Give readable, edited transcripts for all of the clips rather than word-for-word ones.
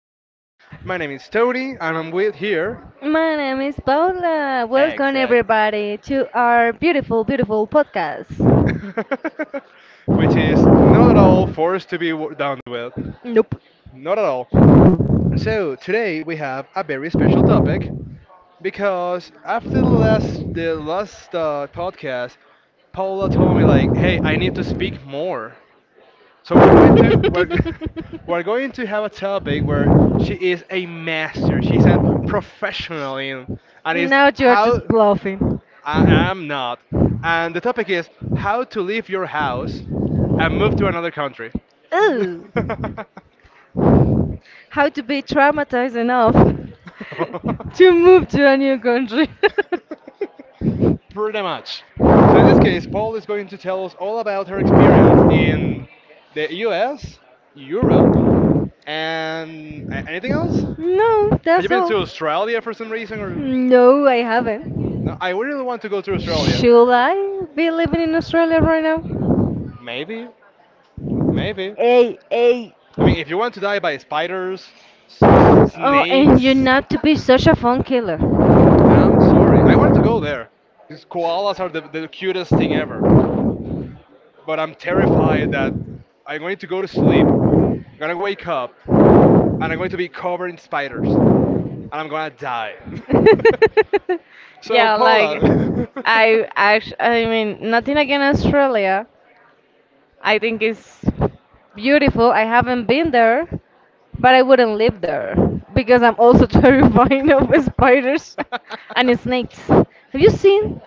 podcast. My name is Tony, and I'm with here. My name is Paula. Welcome Exactly. everybody to our beautiful, beautiful podcast. Which is not at all forced to be done with. Nope. Not at all. So, today we have a very special topic because after the last podcast, Paula told me, like, hey, I need to speak more. So we're going to we're, we're going to have a topic where she is a master. She's a professional in, and is Now you're just how bluffing. I am not. And the topic is how to leave your house and move to another country. Ooh. How to be traumatized enough to move to a new country. Pretty much. So in this case, Paul is going to tell us all about her experience in the U.S., Europe, and anything else. No, Have you that's been to all. Australia for some reason or? No, I haven't. No, I really want to go to Australia. Should I be living in Australia right now? Maybe, maybe. Hey, hey. I mean, if you want to die by spiders, Oh, and you're snakes, not to be such a phone killer. I'm sorry. I wanted to go there. These koalas are the cutest thing ever. But I'm terrified that I'm going to go to sleep, I'm gonna wake up, and I'm going to be covered in spiders, and I'm gonna die. So, Yeah, like Paula. I actually, I mean, nothing against Australia. I think it's beautiful. I haven't been there, but I wouldn't live there because I'm also terrified of spiders and snakes. Have you seen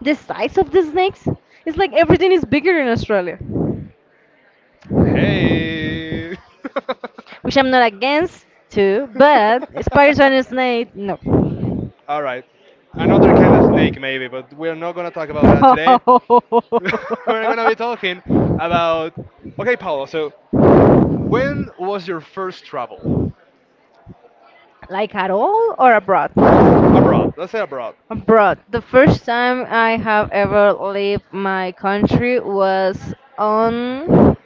the size of the snakes? It's like everything is bigger in Australia, Hey. which I'm not against too, but spiders and snakes, no. All right. Another kind of snake, maybe, but we're not going to talk about that today. We're going to be talking about. Okay, Paolo, so when was your first travel? Like at all or abroad? Abroad. Let's say abroad. Abroad. The first time I have ever left my country was on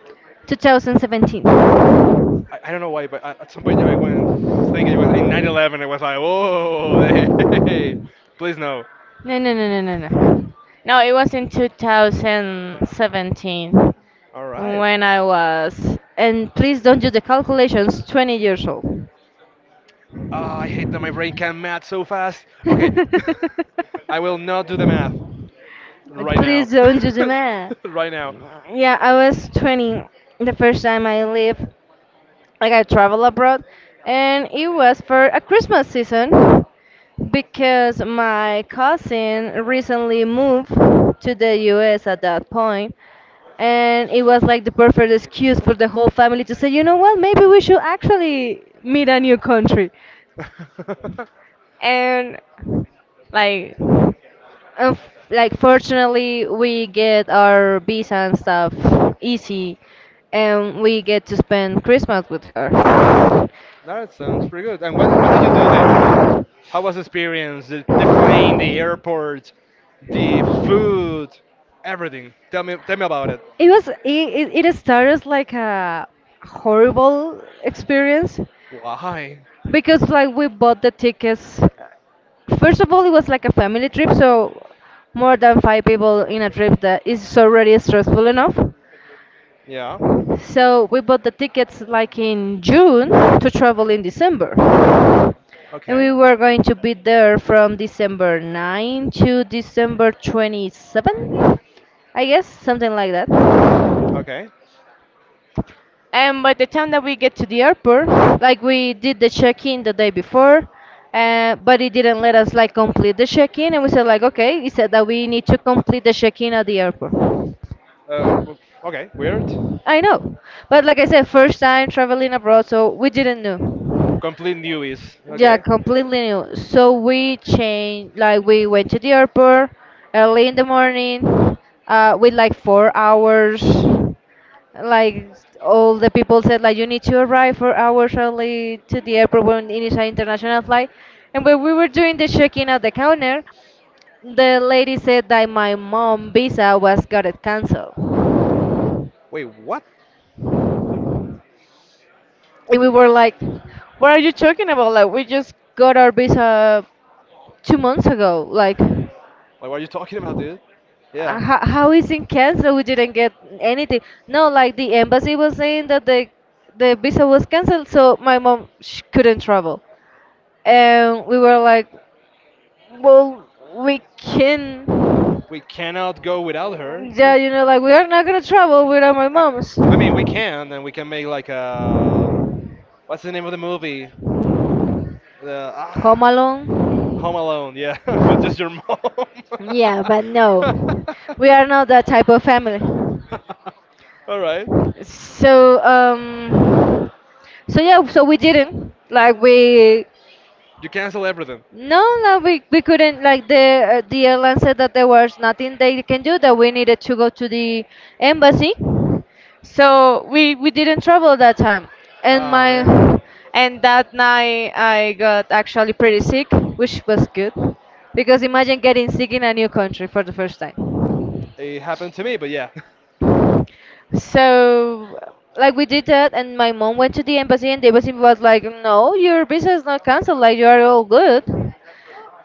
2017. No, I don't know why, but at some point I went thinking it was in 911. 11. I was like, whoa, hey, please no. no, no, no, no, no. No, it was in 2017 All right. when I was, and please don't do the calculations, 20 years old. Ah, I hate that my brain can math so fast. Okay. I will not do the math right now. Please don't judge me. Right now. Yeah, I was 20 the first time I lived, like I traveled abroad, and it was for a Christmas season because my cousin recently moved to the US at that point, and it was like the perfect excuse for the whole family to say, you know what, maybe we should actually meet a new country. And like unf like fortunately, we get our visa and stuff easy, and we get to spend Christmas with her. That sounds pretty good. And what did you do there? Like, how was the experience? The plane, the airport, the food, everything. Tell me about it. It was it, it it started like a horrible experience, Why? because like we bought the tickets. First of all, it was like a family trip, so more than five people in a trip that is already stressful enough. Yeah. So we bought the tickets like in June to travel in December. And we Okay. were going to be there from December 9 to December 27, I guess, something like that. Okay. And by the time that we get to the airport, like we did the check-in the day before, but it didn't let us like complete the check-in, and we said like, okay, it said that we need to complete the check-in at the airport. Uh. w- Okay. Weird. I know, but like I said, first time traveling abroad, so we didn't know. Complete newbies. Yeah, Okay. completely new. So we changed, like we went to the airport early in the morning, with like 4 hours. Like all the people said, like you need to arrive 4 hours early to the airport when it is an international flight. And when we were doing the check-in at the counter, the lady said that my mom visa was got it canceled. Wait. What? And we were like, "What are you talking about? Like, we just got our visa 2 months ago. Like, Like, what are you talking about, dude? Yeah. how is it canceled? We didn't get anything." No, like the embassy was saying that the visa was canceled, so my mom sh couldn't travel. And we were like, "Well, we can." We cannot go without her. Yeah, like we are not gonna travel without my I, mom's. I mean, we can, and we can make like a. What's the name of the movie? The ah. Home alone. Home Alone, yeah, but just your mom. Yeah, but no, we are not that type of family. All right. So um so yeah, so we didn't, like, we, You cancel everything. no, no, we couldn't. Like the airline said that there was nothing they can do, that we needed to go to the embassy. So we didn't travel that time. And Oh man, my and that night I got actually pretty sick, which was good because imagine getting sick in a new country for the first time. it happened to me, but yeah. So, like we did that, and my mom went to the embassy, and the embassy was like, "No, your visa is not canceled. Like you are all good."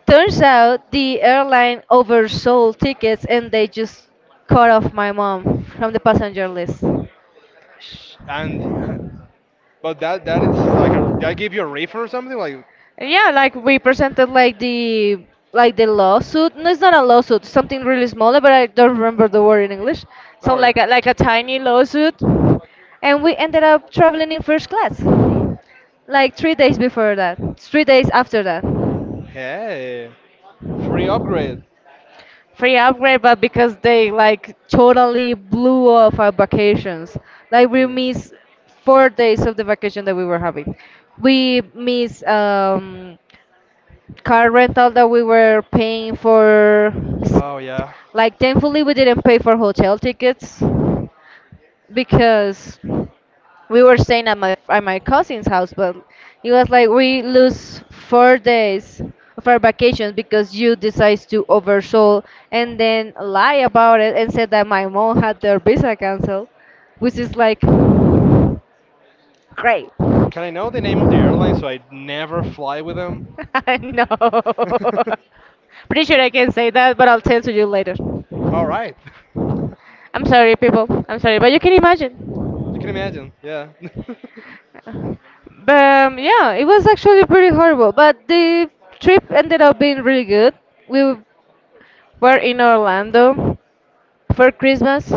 Turns out the airline oversold tickets, and they just cut off my mom from the passenger list. And but that is like a, did I give you a refund or something? Like, Yeah, like we presented like the lawsuit. No, it's not a lawsuit. Something really smaller, but I don't remember the word in English. don't So worry. like a tiny lawsuit, and we ended up traveling in first class, like 3 days before that, 3 days after that. Hey, free upgrade. Free upgrade, but because they like totally blew off our vacations. Like we Yeah. missed 4 days of the vacation that we were having. We missed car rental that we were paying for, s- Oh yeah. like thankfully we didn't pay for hotel tickets because we were staying at my cousin's house, but it was like we lose 4 days of our vacation because you decides to oversold and then lie about it and said that my mom had their visa canceled, which is like great. Can I know the name of the airline no. so I never fly with them? Pretty sure I can say that, but I'll tell to you later. All right. I'm sorry, people. I'm sorry, but you can You imagine. can imagine, yeah. But yeah, it was actually pretty horrible. But the trip ended up being really good. We were in Orlando for Christmas.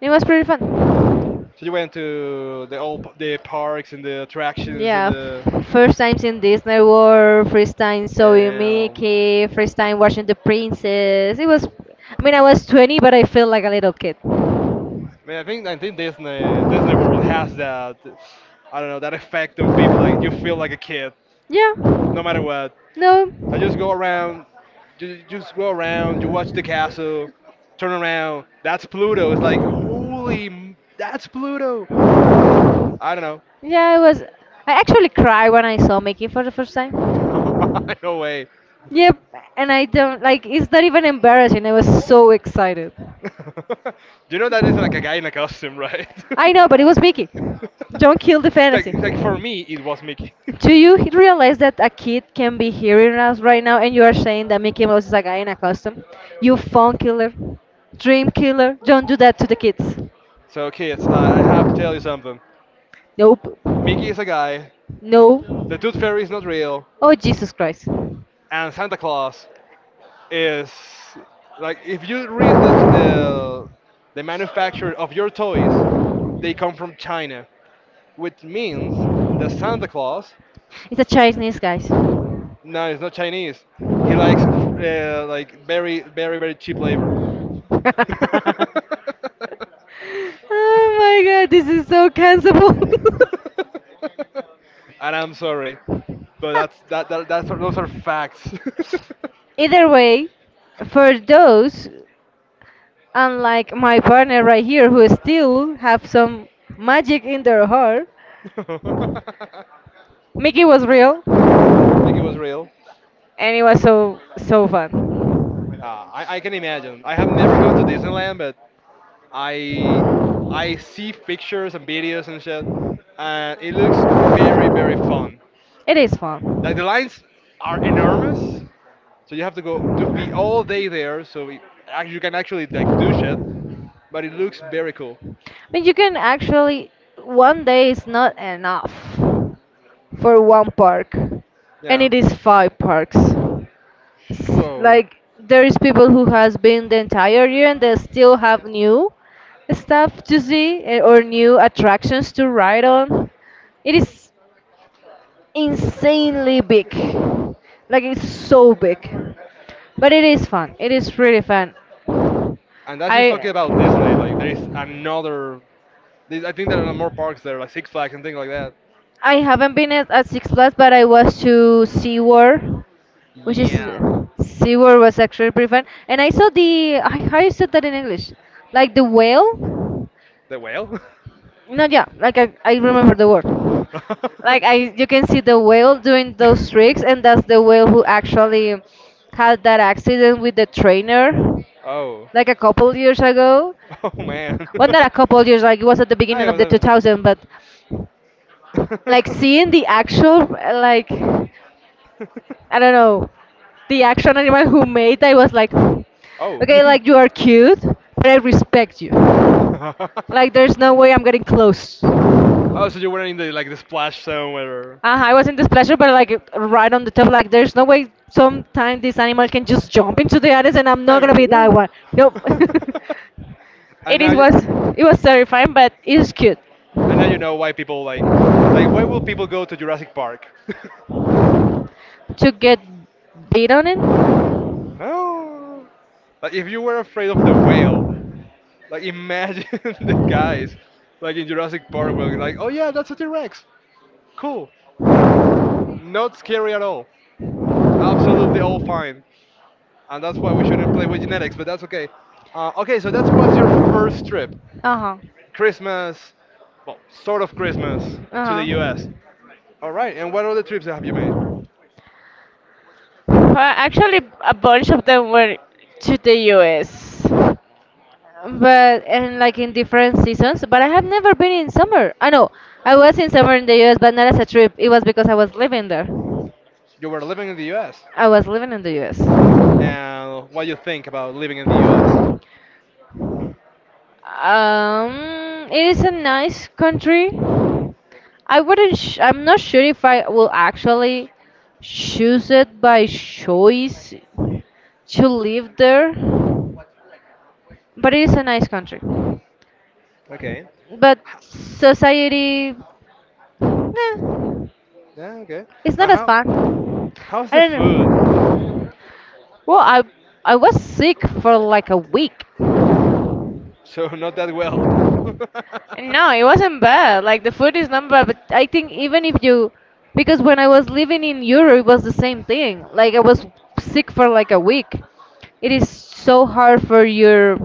It was pretty fun. So you went to the parks and the attractions and Yeah, the first times in Disney World, first time sewing damn. Mickey, first time watching The Princess. It was, I mean, I was 20, but I felt like a little kid. I mean, I think Disney World has that. I don't know that effect on people. Like you feel like a kid, Yeah. no matter what. No. I just go around, just go around. You watch the castle, turn around. That's Pluto. It's like holy, that's Pluto. I don't Yeah, it was. I actually cried when I saw Mickey for the first time. know. No way. Yep, and I don't like. It's not even embarrassing. I was so excited. You know that is like a guy in a costume, right? I know, but it was Mickey. Don't kill the like, fantasy. like for me, it was Mickey. Do you realize that a kid can be hearing us right now and you are saying that Mickey Mouse is a guy in a costume? You phone killer, dream killer, don't do that to the kids. So kids, I have to tell you something. Nope. Mickey is a guy. No. The Tooth Fairy is not real, Oh, Jesus Christ. and Santa Claus is like if you read the manufacturer of your toys, they come from China, which means that Santa Claus It's a Chinese, guys. no, he's not Chinese. He likes like very very very cheap labor. Oh my god, this is so cancelable. And I'm sorry, but that's that, that that's those are facts. Either way, for those, unlike my partner right here, who still have some magic in their heart, Mickey was real, Mickey was real. and it was so so fun. Uh, I can imagine. I have never gone to Disneyland, but I I see pictures and videos and shit, and it looks very very fun. It is Like fun. the lines are enormous, so you have to go to be all day there. So you can actually like do shit, but it looks very cool. But you can actually, one day is not enough for one park, and Yeah. it is five parks. Whoa. Like there is people who has been the entire year and they still have new stuff to see, or new attractions to ride on. It is. Insanely big. Like it's so big. But it is fun. It is really fun. And that's just I talking about Disney. Like there is another. I think there are more parks there, like Six Flags and things like that. I haven't been at, Six Flags, but I was to SeaWorld, which is Yeah. SeaWorld was actually pretty fun. And I saw the, I, how you said that in English? Like the whale? The whale. No, yeah, like I remember the word. Like I you can see the whale doing those tricks, and that's the whale who actually had that accident with the trainer, Oh. like a couple years ago. Oh man. Well, not a couple years, like it was at the beginning Hi, of the what's 2000, but like up? seeing the actual, like, I don't know, the action animal who made that was like, okay, Oh. like you are cute, but I respect you. Like, there's no way I'm getting close. Oh, so you were in the like the splash zone where, I was in displeasure, but like right on the top, like there's no way sometime this animal can just jump into the others, and I'm not hey, gonna be that woo. one. Nope. And it now, is you, was it was terrifying, but it's cute. and now you know why people like why will people go to Jurassic Park? To get bid on it? No, like if you were afraid of the whale, like imagine the guys, like in Jurassic Park, where like, oh yeah, that's a T-Rex, cool, not scary at all, absolutely all fine, and that's why we shouldn't play with genetics, but that's okay. Okay, so that was your first trip. Uh-huh. Christmas, well, sort of Christmas to the Uh-huh. US. All right, and what other trips have you made? Well, actually, a bunch of them were to the US. But and like in different seasons, but I have never been in summer. I know I was in summer in the US, but not as a trip. It was because I was living there. You were living in the US, I was living in the US. and what you think about living in the US? It is a nice country. I wouldn't. I'm not sure if I will actually choose it by choice to live there, but it is a nice country. Okay. But H- society, eh, Yeah, okay. it's Uh, not as how bad. how's the I don't food? know. Well, I was sick for like a week. So not that well. No, it wasn't bad. Like the food is not bad, but I think even if you, because when I was living in Europe, it was the same thing. Like I was sick for like a week. It is so hard for your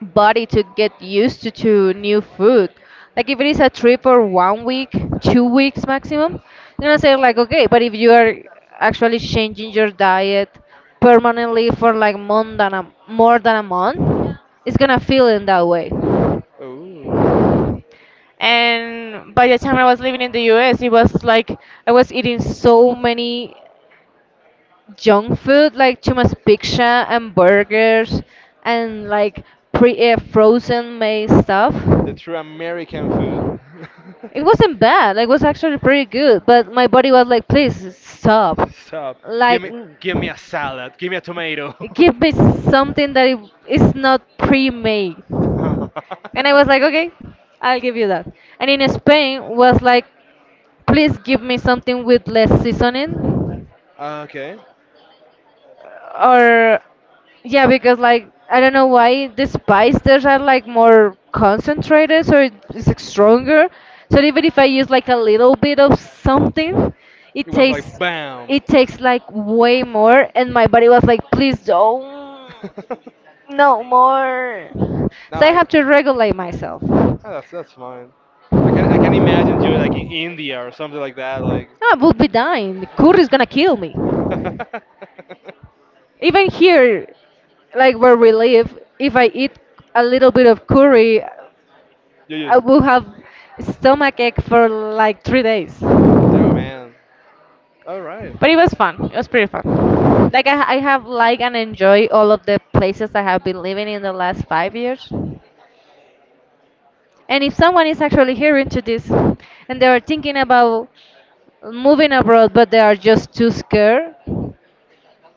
body to get used to new food. Like if it is a trip for one week, 2 weeks maximum, you're gonna say like okay, but if you are actually changing your diet permanently for like more than a month, it's gonna feel in that way. Ooh, And by the time I was living in the US, it was like I was eating so many junk food, like too much pizza and burgers and like pre frozen made stuff. the true American food. It wasn't bad. Like, it was actually pretty good. But my body was like, please stop. Stop. Give Like, me give me a salad. Give me a tomato. give me something that it is not pre-made. And I was like, okay, I'll give you that. And in Spain was like, please give me something with less seasoning. Okay. Or Yeah, because like I don't know why the spice there's are like more concentrated so it's like, stronger. So even if I use like a little bit of something it It was takes, like bam. it takes like way more and my body was like please don't, no more. No, So I I. have to regulate myself. That's fine. I can imagine you like in India or something like that. Like. Ah, I would be dying, the curry is gonna kill me. Even here, like where we live, if I eat a little bit of curry You I just. will have stomach ache for like 3 days. Oh But man. All right. it was fun. It was pretty fun. Like I have liked and enjoy all of the places I have been living in the last 5 years. And if someone is actually hearing to this and they are thinking about moving abroad but they are just too scared,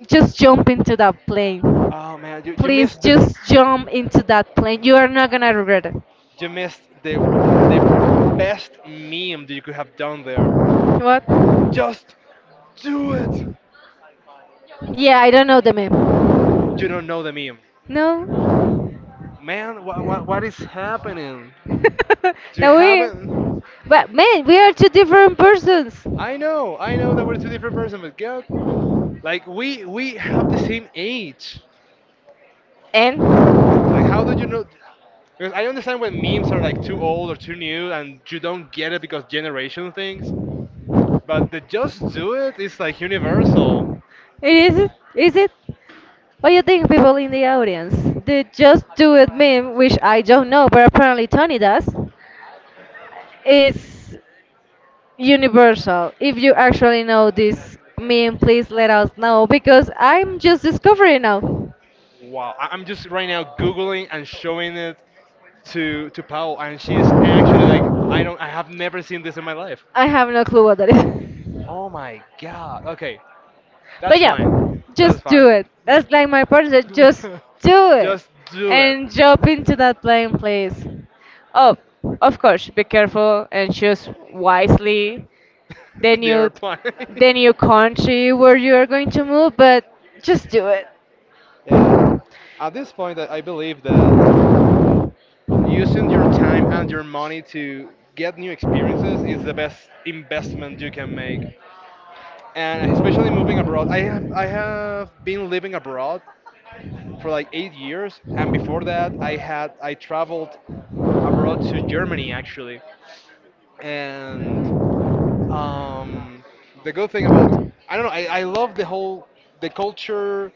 just jump into that plane. Oh man, you, you Please missed the just jump into that plane. You are not gonna regret it. you missed the w- the best meme that you could have done there. What? Just do it. Yeah, I don't know the meme. You don't know the meme, No? man. What is happening? You now we, haven't. but man, we are two different persons. I know that we're two different person, but God. Like we have the same age. And Like how do you know? Because I understand when memes are like too old or too new and you don't get it because generation things. But the just do it is like universal. it is it? What do you think, people in the audience? The just do it meme, which I don't know, but apparently Tony does, is universal. If you actually know this meme, please let us know because I'm just discovering now. Wow, I'm just right now googling and showing it to Paul, and she's actually like, I don't, I have never seen this in my life. I have no clue what that is. Oh my god. Okay, But that's yeah, fine. That's just fine. do it. That's like my part. That just do it Just do it. and jump into that plane, please. Oh, of course, be careful and choose wisely the They are new, applying. the new country where you are going to move. But just do it. Yeah. At this point, I believe that using your time and your money to get new experiences is the best investment you can make. And especially moving abroad, I have been living abroad for like 8 years, and before that, I traveled abroad to Germany actually, and um, the good thing about, I don't know, I love the whole, the culture,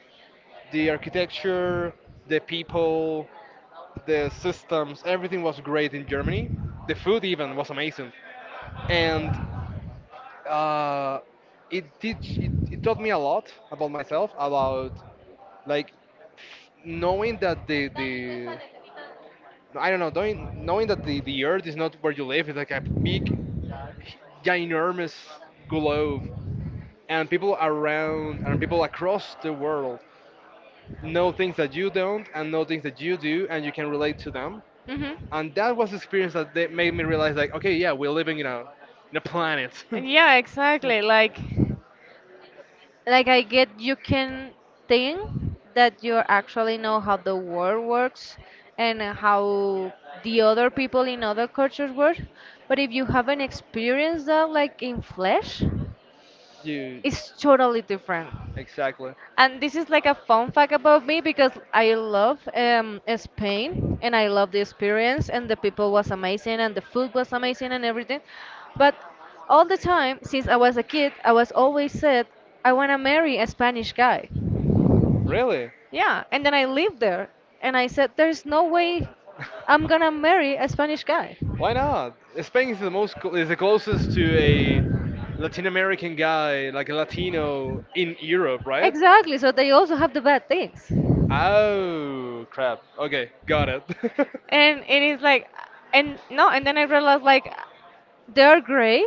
the architecture, the people. The systems, everything was great in Germany. The food even was amazing, and uh, it taught me a lot about myself, about like knowing that the I don't know, knowing that the earth is not where you live. It's like a big, ginormous globe, and people around and people across the world know things that you don't and know things that you do, and you can relate to them. Hmm. And that was the experience that they made me realize, like, okay, yeah, we're living in a planet. Yeah, exactly. Like I get you can think that you actually know how the world works and how the other people in other cultures work, but if you haven't experienced that like in flesh, You it's totally different. exactly And this is like a fun fact about me because I love Spain and I love the experience and the people was amazing and the food was amazing and everything. But all the time since I was a kid, I was always said I want to marry a Spanish guy. really. Yeah, and then I lived there and I said there's no way I'm gonna marry a Spanish guy. Why not? Spain is the most is the closest to a Latin American guy, like a Latino in Europe, right? Exactly, so they also have the bad things. Oh crap, okay, got it. And it is like, and no, and then I realized like they're great,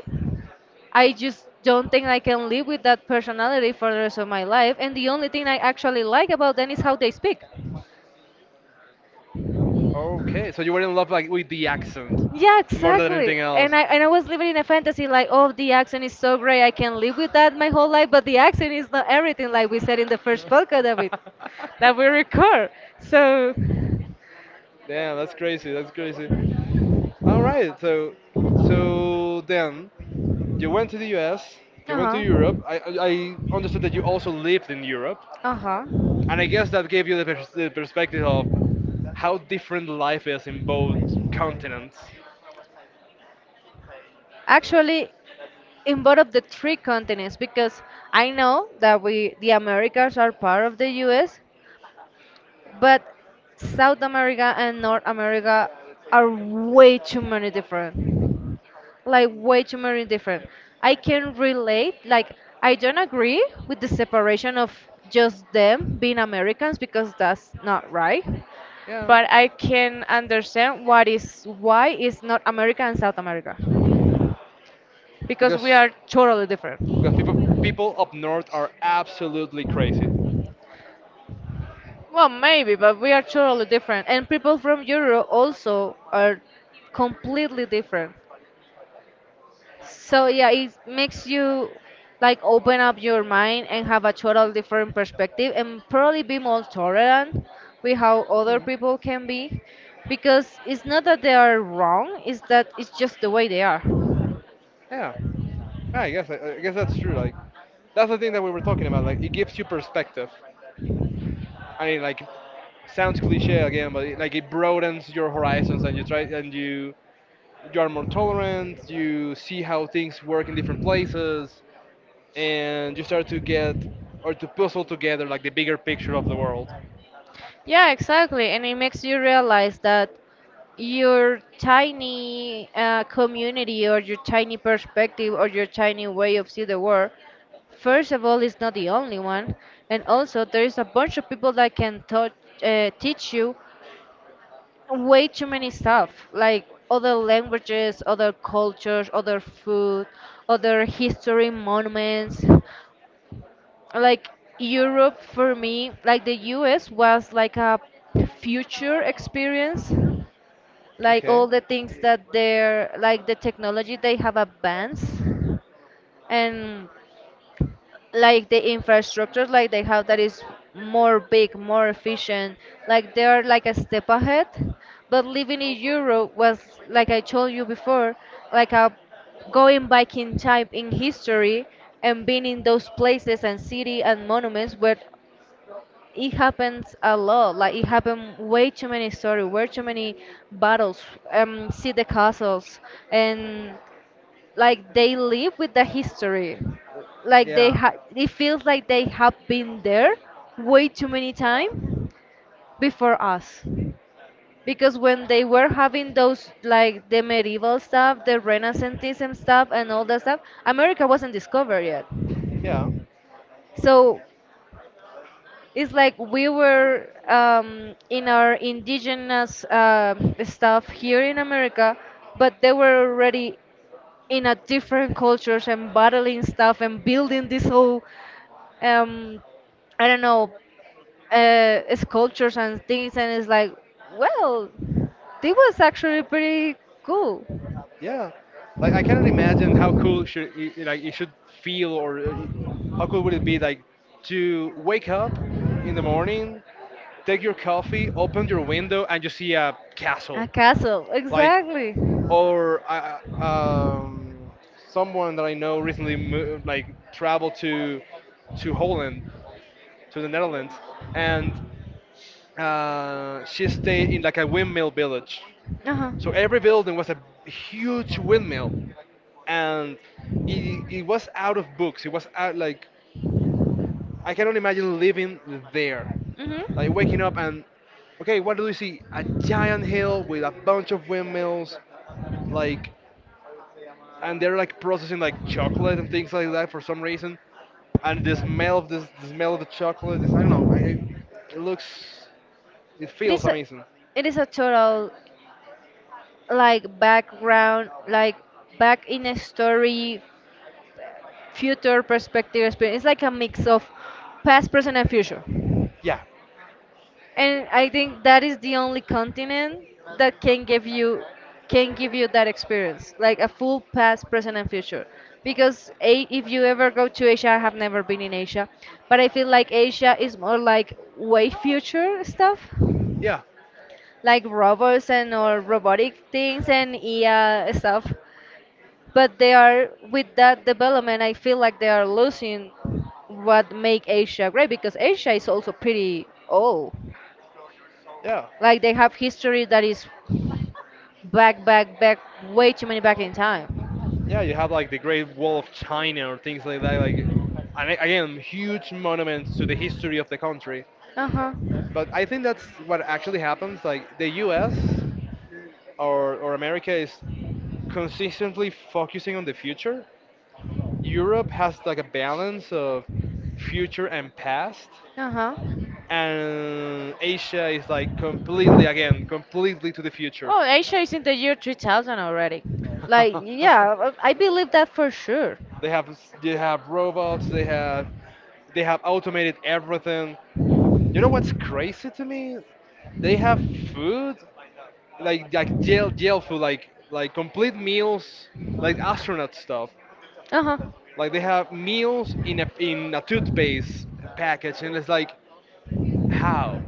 I just don't think I can live with that personality for the rest of my life and the only thing I actually like about them is how they speak. Okay, so you were in love like with the accent Yeah, more than exactly, anything else. and I was living in a fantasy like oh the accent is so great I can live with that my whole life, but the accent is not everything like we said in the first podcast that we, that we record. So Damn, that's crazy. That's crazy. All right. So then you went to the U.S. You went to uh-huh, Europe. I understood that you also lived in Europe, uh-huh. and I guess that gave you the perspective of how different life is in both continents. Actually in both of the three continents because I know that we the Americas are part of the US, but South America and North America are way too many different. Like way too many different. I can relate, like I don't agree with the separation of just them being Americans because that's not right. Yeah, But I can understand what is why is not America and South America. Because we because are totally different. People up north are absolutely crazy. Well, maybe, but we are totally different. And people from Europe also are completely different. So yeah, it makes you like open up your mind and have a total different perspective and probably be more tolerant with how other Mm. people can be because it's not that they are wrong, it's that it's just the way they are. Yeah, I guess that's true. Like that's the thing that we were talking about. Like it gives you perspective. I mean, like, sounds cliche again, but it, like it broadens your horizons, and you try and you are more tolerant. You see how things work in different places, and you start to get or to puzzle together like the bigger picture of the world. Yeah, exactly. And it makes you realize that your tiny community or your tiny perspective or your tiny way of see the world first of all is not the only one and also there is a bunch of people that can touch, teach you way too many stuff like other languages, other cultures, other food, other history monuments. Like Europe for me, like the US was like a future experience, like Okay. all the things that they're like the technology they have advanced and like the infrastructure like they have that is more big, more efficient, like they're like a step ahead. But living in Europe was like I told you before, like a going back in time in history, and being in those places and city and monuments where it happens a lot. Like it happened way too many stories, way too many battles. See the castles, and like they live with the history. Like they Yeah. ha, it feels like they have been there way too many times before us. Because when they were having those, like the medieval stuff, the Renaissantism stuff, and all that stuff, America wasn't discovered yet. Yeah. So it's like we were in our indigenous stuff here in America, but they were already in a different cultures and battling stuff and building this whole, um, I don't know, sculptures and things. And it's like, well, this was actually pretty cool. Yeah. Like I cannot imagine how cool should like it should feel or how cool would it be like to wake up in the morning, take your coffee, open your window, and you see a A castle. castle, Like exactly. or I, um, someone that I know recently moved, like traveled to Holland, to the Netherlands, and she stayed in like a windmill village, Uh huh. so every building was a huge windmill. And it was out of books, it was out like I cannot imagine living there, like waking Mhm. up and okay, what do we see, a giant hill with a bunch of windmills, like, and they're like processing like chocolate and things like that for some reason. And the smell of this, the smell of the chocolate, this I don't know. It looks, it It feels is a, amazing. it is a total like background, like back in a story, future perspective experience. It's like a mix of past, present, and future. Yeah, And I think that is the only continent that can give you, can give you that experience, like a full past, present, and future. Because A, if you ever go to Asia, I have never been in Asia, but I feel like Asia is more like way future stuff yeah, like robots and or robotic things and AI stuff. But they are with that development I feel like they are losing what make Asia great because Asia is also pretty old. yeah, Like they have history that is back way too many back in time. yeah. You have like the Great Wall of China or things like that. Like, again, huge monuments to the history of the country. Uh-huh. But I think that's what actually happens. Like the U.S. or America is consistently focusing on the future. Europe has like a balance of future and past, Uh-huh. and Asia is like completely again, completely to the future. Oh, Asia is in the year 3000 already. Like yeah, I believe that for sure. they have they have robots, they have automated everything. You know what's crazy to me? They have food like like jail food like complete meals like astronaut stuff. Uh-huh. Like they have meals in a toothpaste package, and it's like how?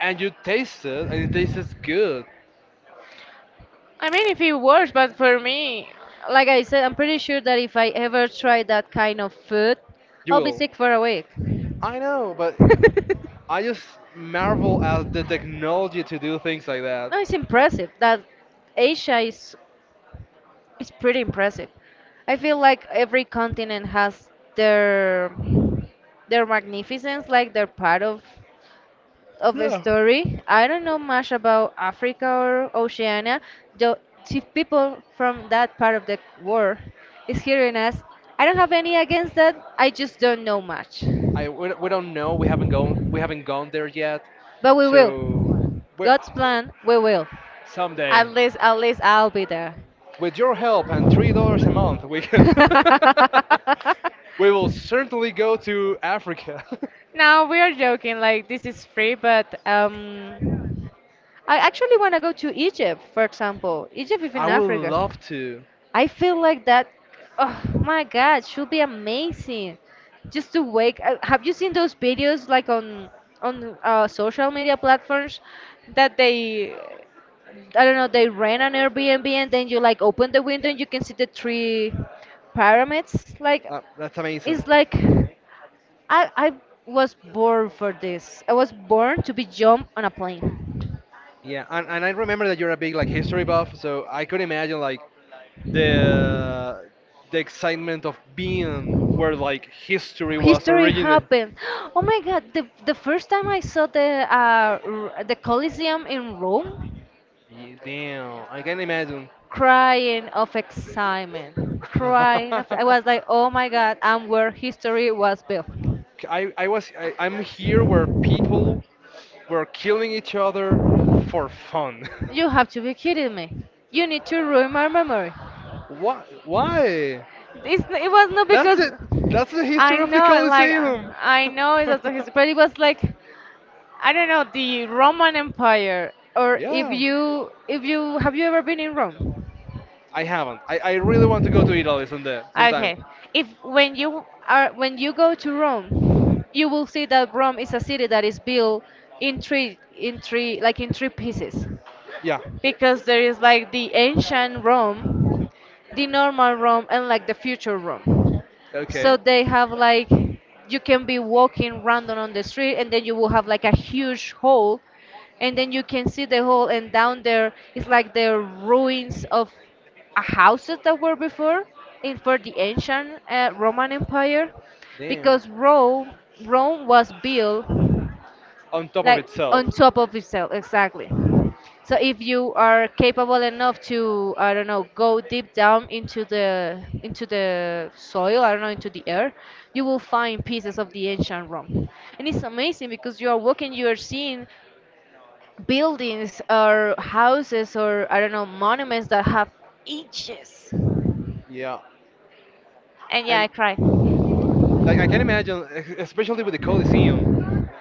And you taste it, and it tastes good. I mean, if it works, but for me, like I said I'm pretty sure that if I ever try that kind of food You I'll be will. sick for a week. I know, but I just marvel at the technology to do things like that. No, it's impressive that Asia is pretty impressive. I feel like every continent has their their magnificence, like they're part of a Yeah. story. I don't know much about Africa or Oceania, though if people from that part of the world is hearing us, I don't have any against that. I just don't know much. We don't know. We haven't gone, we haven't gone there yet. But we will. So we. God's plan, we will. Someday. At least, at least I'll be there. With your help and $3 a month, we can. We will certainly go to Africa. No, we are joking. Like this is free, but I actually want to go to Egypt, for example. Egypt is in I would Africa. love to. I feel like that. Oh my God, should be amazing. Just to wake. Have you seen those videos like on social media platforms that they, I don't know, they rent an Airbnb and then you like open the window and you can see the three pyramids. Like That's amazing. it's like I was born for this. I was born to be jump on a plane. Yeah, and I remember that you're a big like history buff, so I could imagine like the the excitement of being where like history was History originated. happened. Oh my God! The first time I saw the the Colosseum in Rome, Yeah, damn, I can imagine. crying of excitement, crying. Of, I was like, oh my God, I'm where history was built. I'm here where people were killing each other for fun. You have to be kidding me. You need to ruin my memory. Why? Why? It was not That's because it. That's the I history of the know, like, Colosseum. I know it was the history, but it was like, I don't know, the Roman Empire, or Yeah. If you, have you ever been in Rome? I haven't. I really want to go to Italy someday, sometime. Okay. If when you are when you go to Rome, you will see that Rome is a city that is built in three like in three pieces Yeah. because there is like the ancient Rome, the normal Rome, and like the future Rome. So Okay. they have like, you can be walking random on the street, and then you will have like a huge hole, and then you can see the hole, and down there is like the ruins of a houses that were before in for the ancient Roman Empire, Damn. because Rome was built On top of like on itself. top of itself exactly. So if you are capable enough to I don't know go deep down into the soil, I don't know, into the air, you will find pieces of the ancient Rome. And it's amazing because you are walking, you are seeing buildings or houses or I don't know monuments that have ages. Yeah, And yeah, and I cried. like I can imagine, especially with the Coliseum.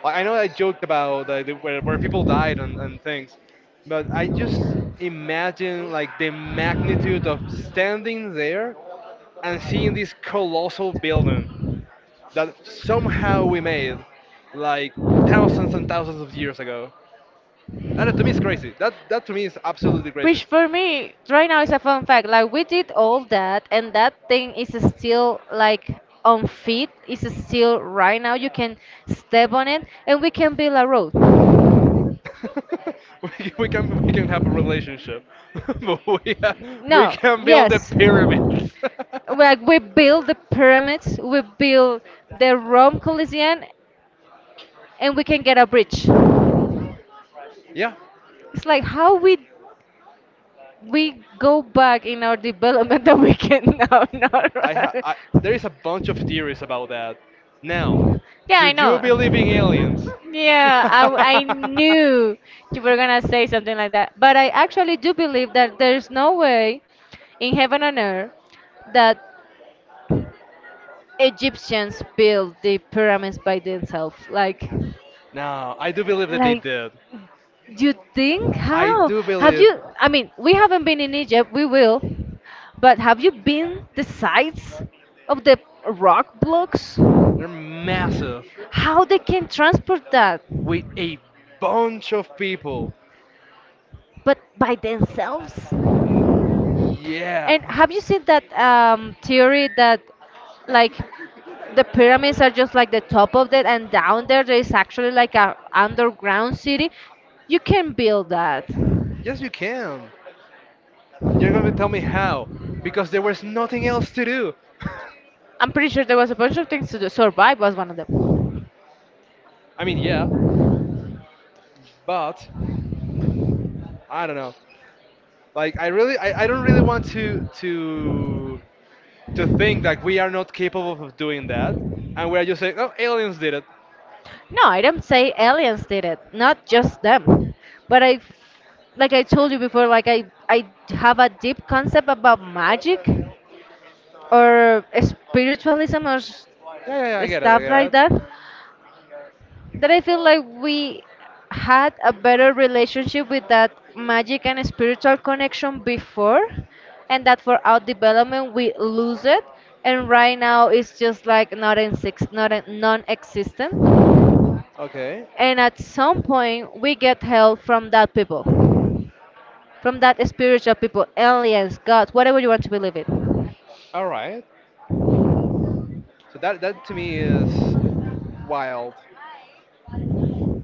Like I know I joked about like, the, where people died and things, but I just imagine like the magnitude of standing there and seeing this colossal building that somehow we made like thousands and thousands of years ago. That to me is crazy. That to me is absolutely crazy. Which for me right now is a fun fact. Like we did all that, and that thing is still like on feet. It's still right now. You can step on it, and we can build a road. We can have a relationship, but we ha- we No, can build the yes, pyramids. like we build the pyramids, we build the Rome Coliseum, and we can get a bridge. Yeah, It's like how we go back in our development that we can now. Not right. There is a bunch of theories about that. Now, Yeah, do I you believe in know. aliens? Yeah, I, w- I knew you were gonna say something like that. But I actually do believe that there's no way in heaven and earth that Egyptians built the pyramids by themselves. No, I do believe that they Like did. you think I how? do Have believe you? I mean, we haven't been in Egypt. We will, but have you been the sites of the rock blocks? they're massive How they can transport that? with a bunch of people. But by themselves? N-. Yeah. And have you seen that theory that like the pyramids are just like the top of it, and down there there is actually like a underground city? You can build that. Yes, you can. You're gonna tell me how? Because there was nothing else to do. I'm pretty sure there was a bunch of things to do. Survive was one of them. I mean, yeah, but I don't know. Like, I don't really want to think that we are not capable of doing that, and we're just saying, oh, aliens did it. No, I don't say aliens did it. Not just them. But I, like I told you before, like I have a deep concept about magic or spiritualism or s- Yeah, yeah, yeah, I get it, I stuff get like it. that. That I feel like we had a better relationship with that magic and spiritual connection before, and that for our development we lose it, and right now it's just like not in six, not in, non-existent. Okay, And at some point we get help from that people, from that spiritual people, aliens, gods, whatever you want to believe in. all right. So that to me is wild,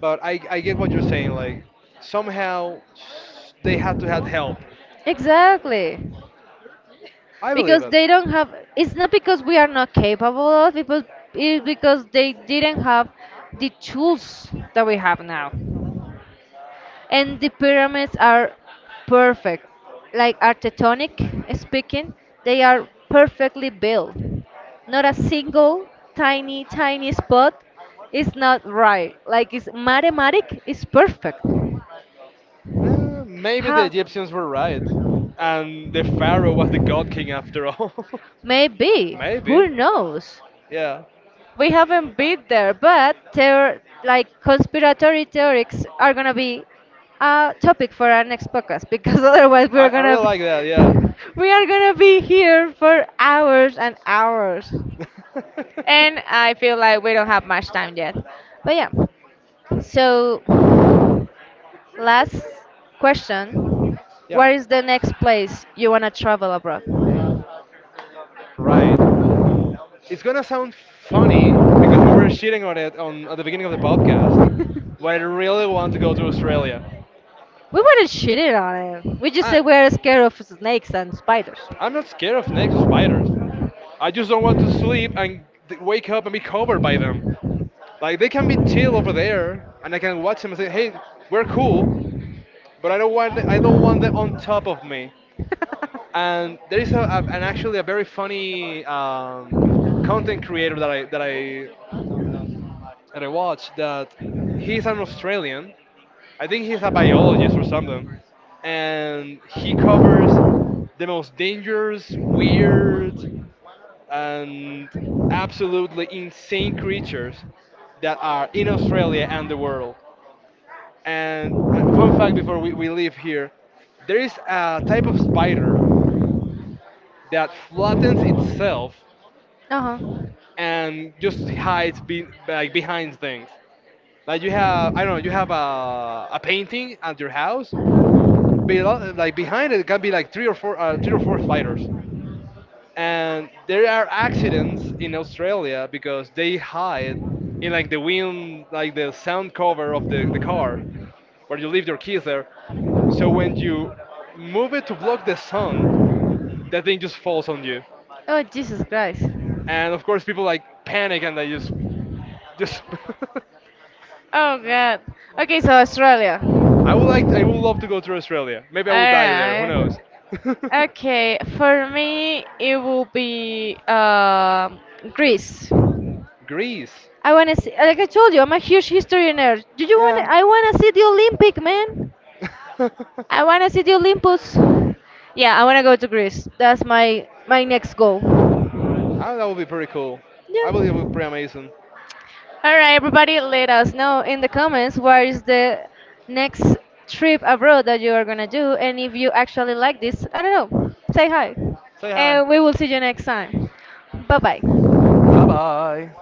but I get what you're saying. Like, somehow they had to have help. Exactly. I believe Because it. they don't have, it's not because we are not capable of because it's because they didn't have the tools that we have now, and the pyramids are perfect, like architectonic speaking they are perfectly built, not a single tiny spot is not right, like it's mathematic, it's perfect. Maybe the How? Egyptians were right, and the pharaoh was the god king after all. Maybe. Who Maybe, knows? yeah. We haven't been there, but there like conspiratory theories are gonna be a topic for our next podcast because otherwise we're I gonna really be like that. Yeah, we are gonna be here for hours and hours, and I feel like we don't have much time yet. But yeah, so last question: yeah. what is the next place you wanna travel abroad? Right. It's gonna sound funny because we were shitting on it on at the beginning of the podcast, but I really want to go to Australia. We weren't shitting on it. We just I said we're scared of snakes and spiders. I'm not scared of snakes or spiders. I just don't want to sleep and wake up and be covered by them. Like they can be chill over there, and I can watch them and say, "Hey, we're cool." But I don't want them on top of me. And there is a and actually a very funny content creator that I watch, that he's an Australian. I think he's a biologist or something, and he covers the most dangerous, weird, and absolutely insane creatures that are in Australia and the world. And fun fact before we leave here, there is a type of spider that flattens itself Uh-huh. and just hides like behind things. Like you have, I don't know, you have a painting at your house, below, like behind it can be like three or four spiders. And there are accidents in Australia because they hide in like the wind, like the sound cover of the car where you leave your keys there. So when you move it to block the sun, that thing just falls on you. Oh, Jesus Christ. And of course, people like panic, and they just just. Oh, God. Okay, so Australia. I would like I would love to go to Australia. Maybe I will die there. Who Alright. knows? Okay, for me, it will be Greece. Greece. I wanna see, like I told you, I'm a huge history nerd. Do you wanna? Yeah. I wanna see the Olympic, man. I wanna see the Olympus. Yeah, I wanna go to Greece. That's my my next goal. Ah, that would be pretty cool. I believe it would be Yeah. pretty amazing. All right, everybody, let us know in the comments what is the next trip abroad that you are gonna do, and if you actually like this, I don't know, say hi, Say hi. and we will see you next time. Bye bye. Bye-bye.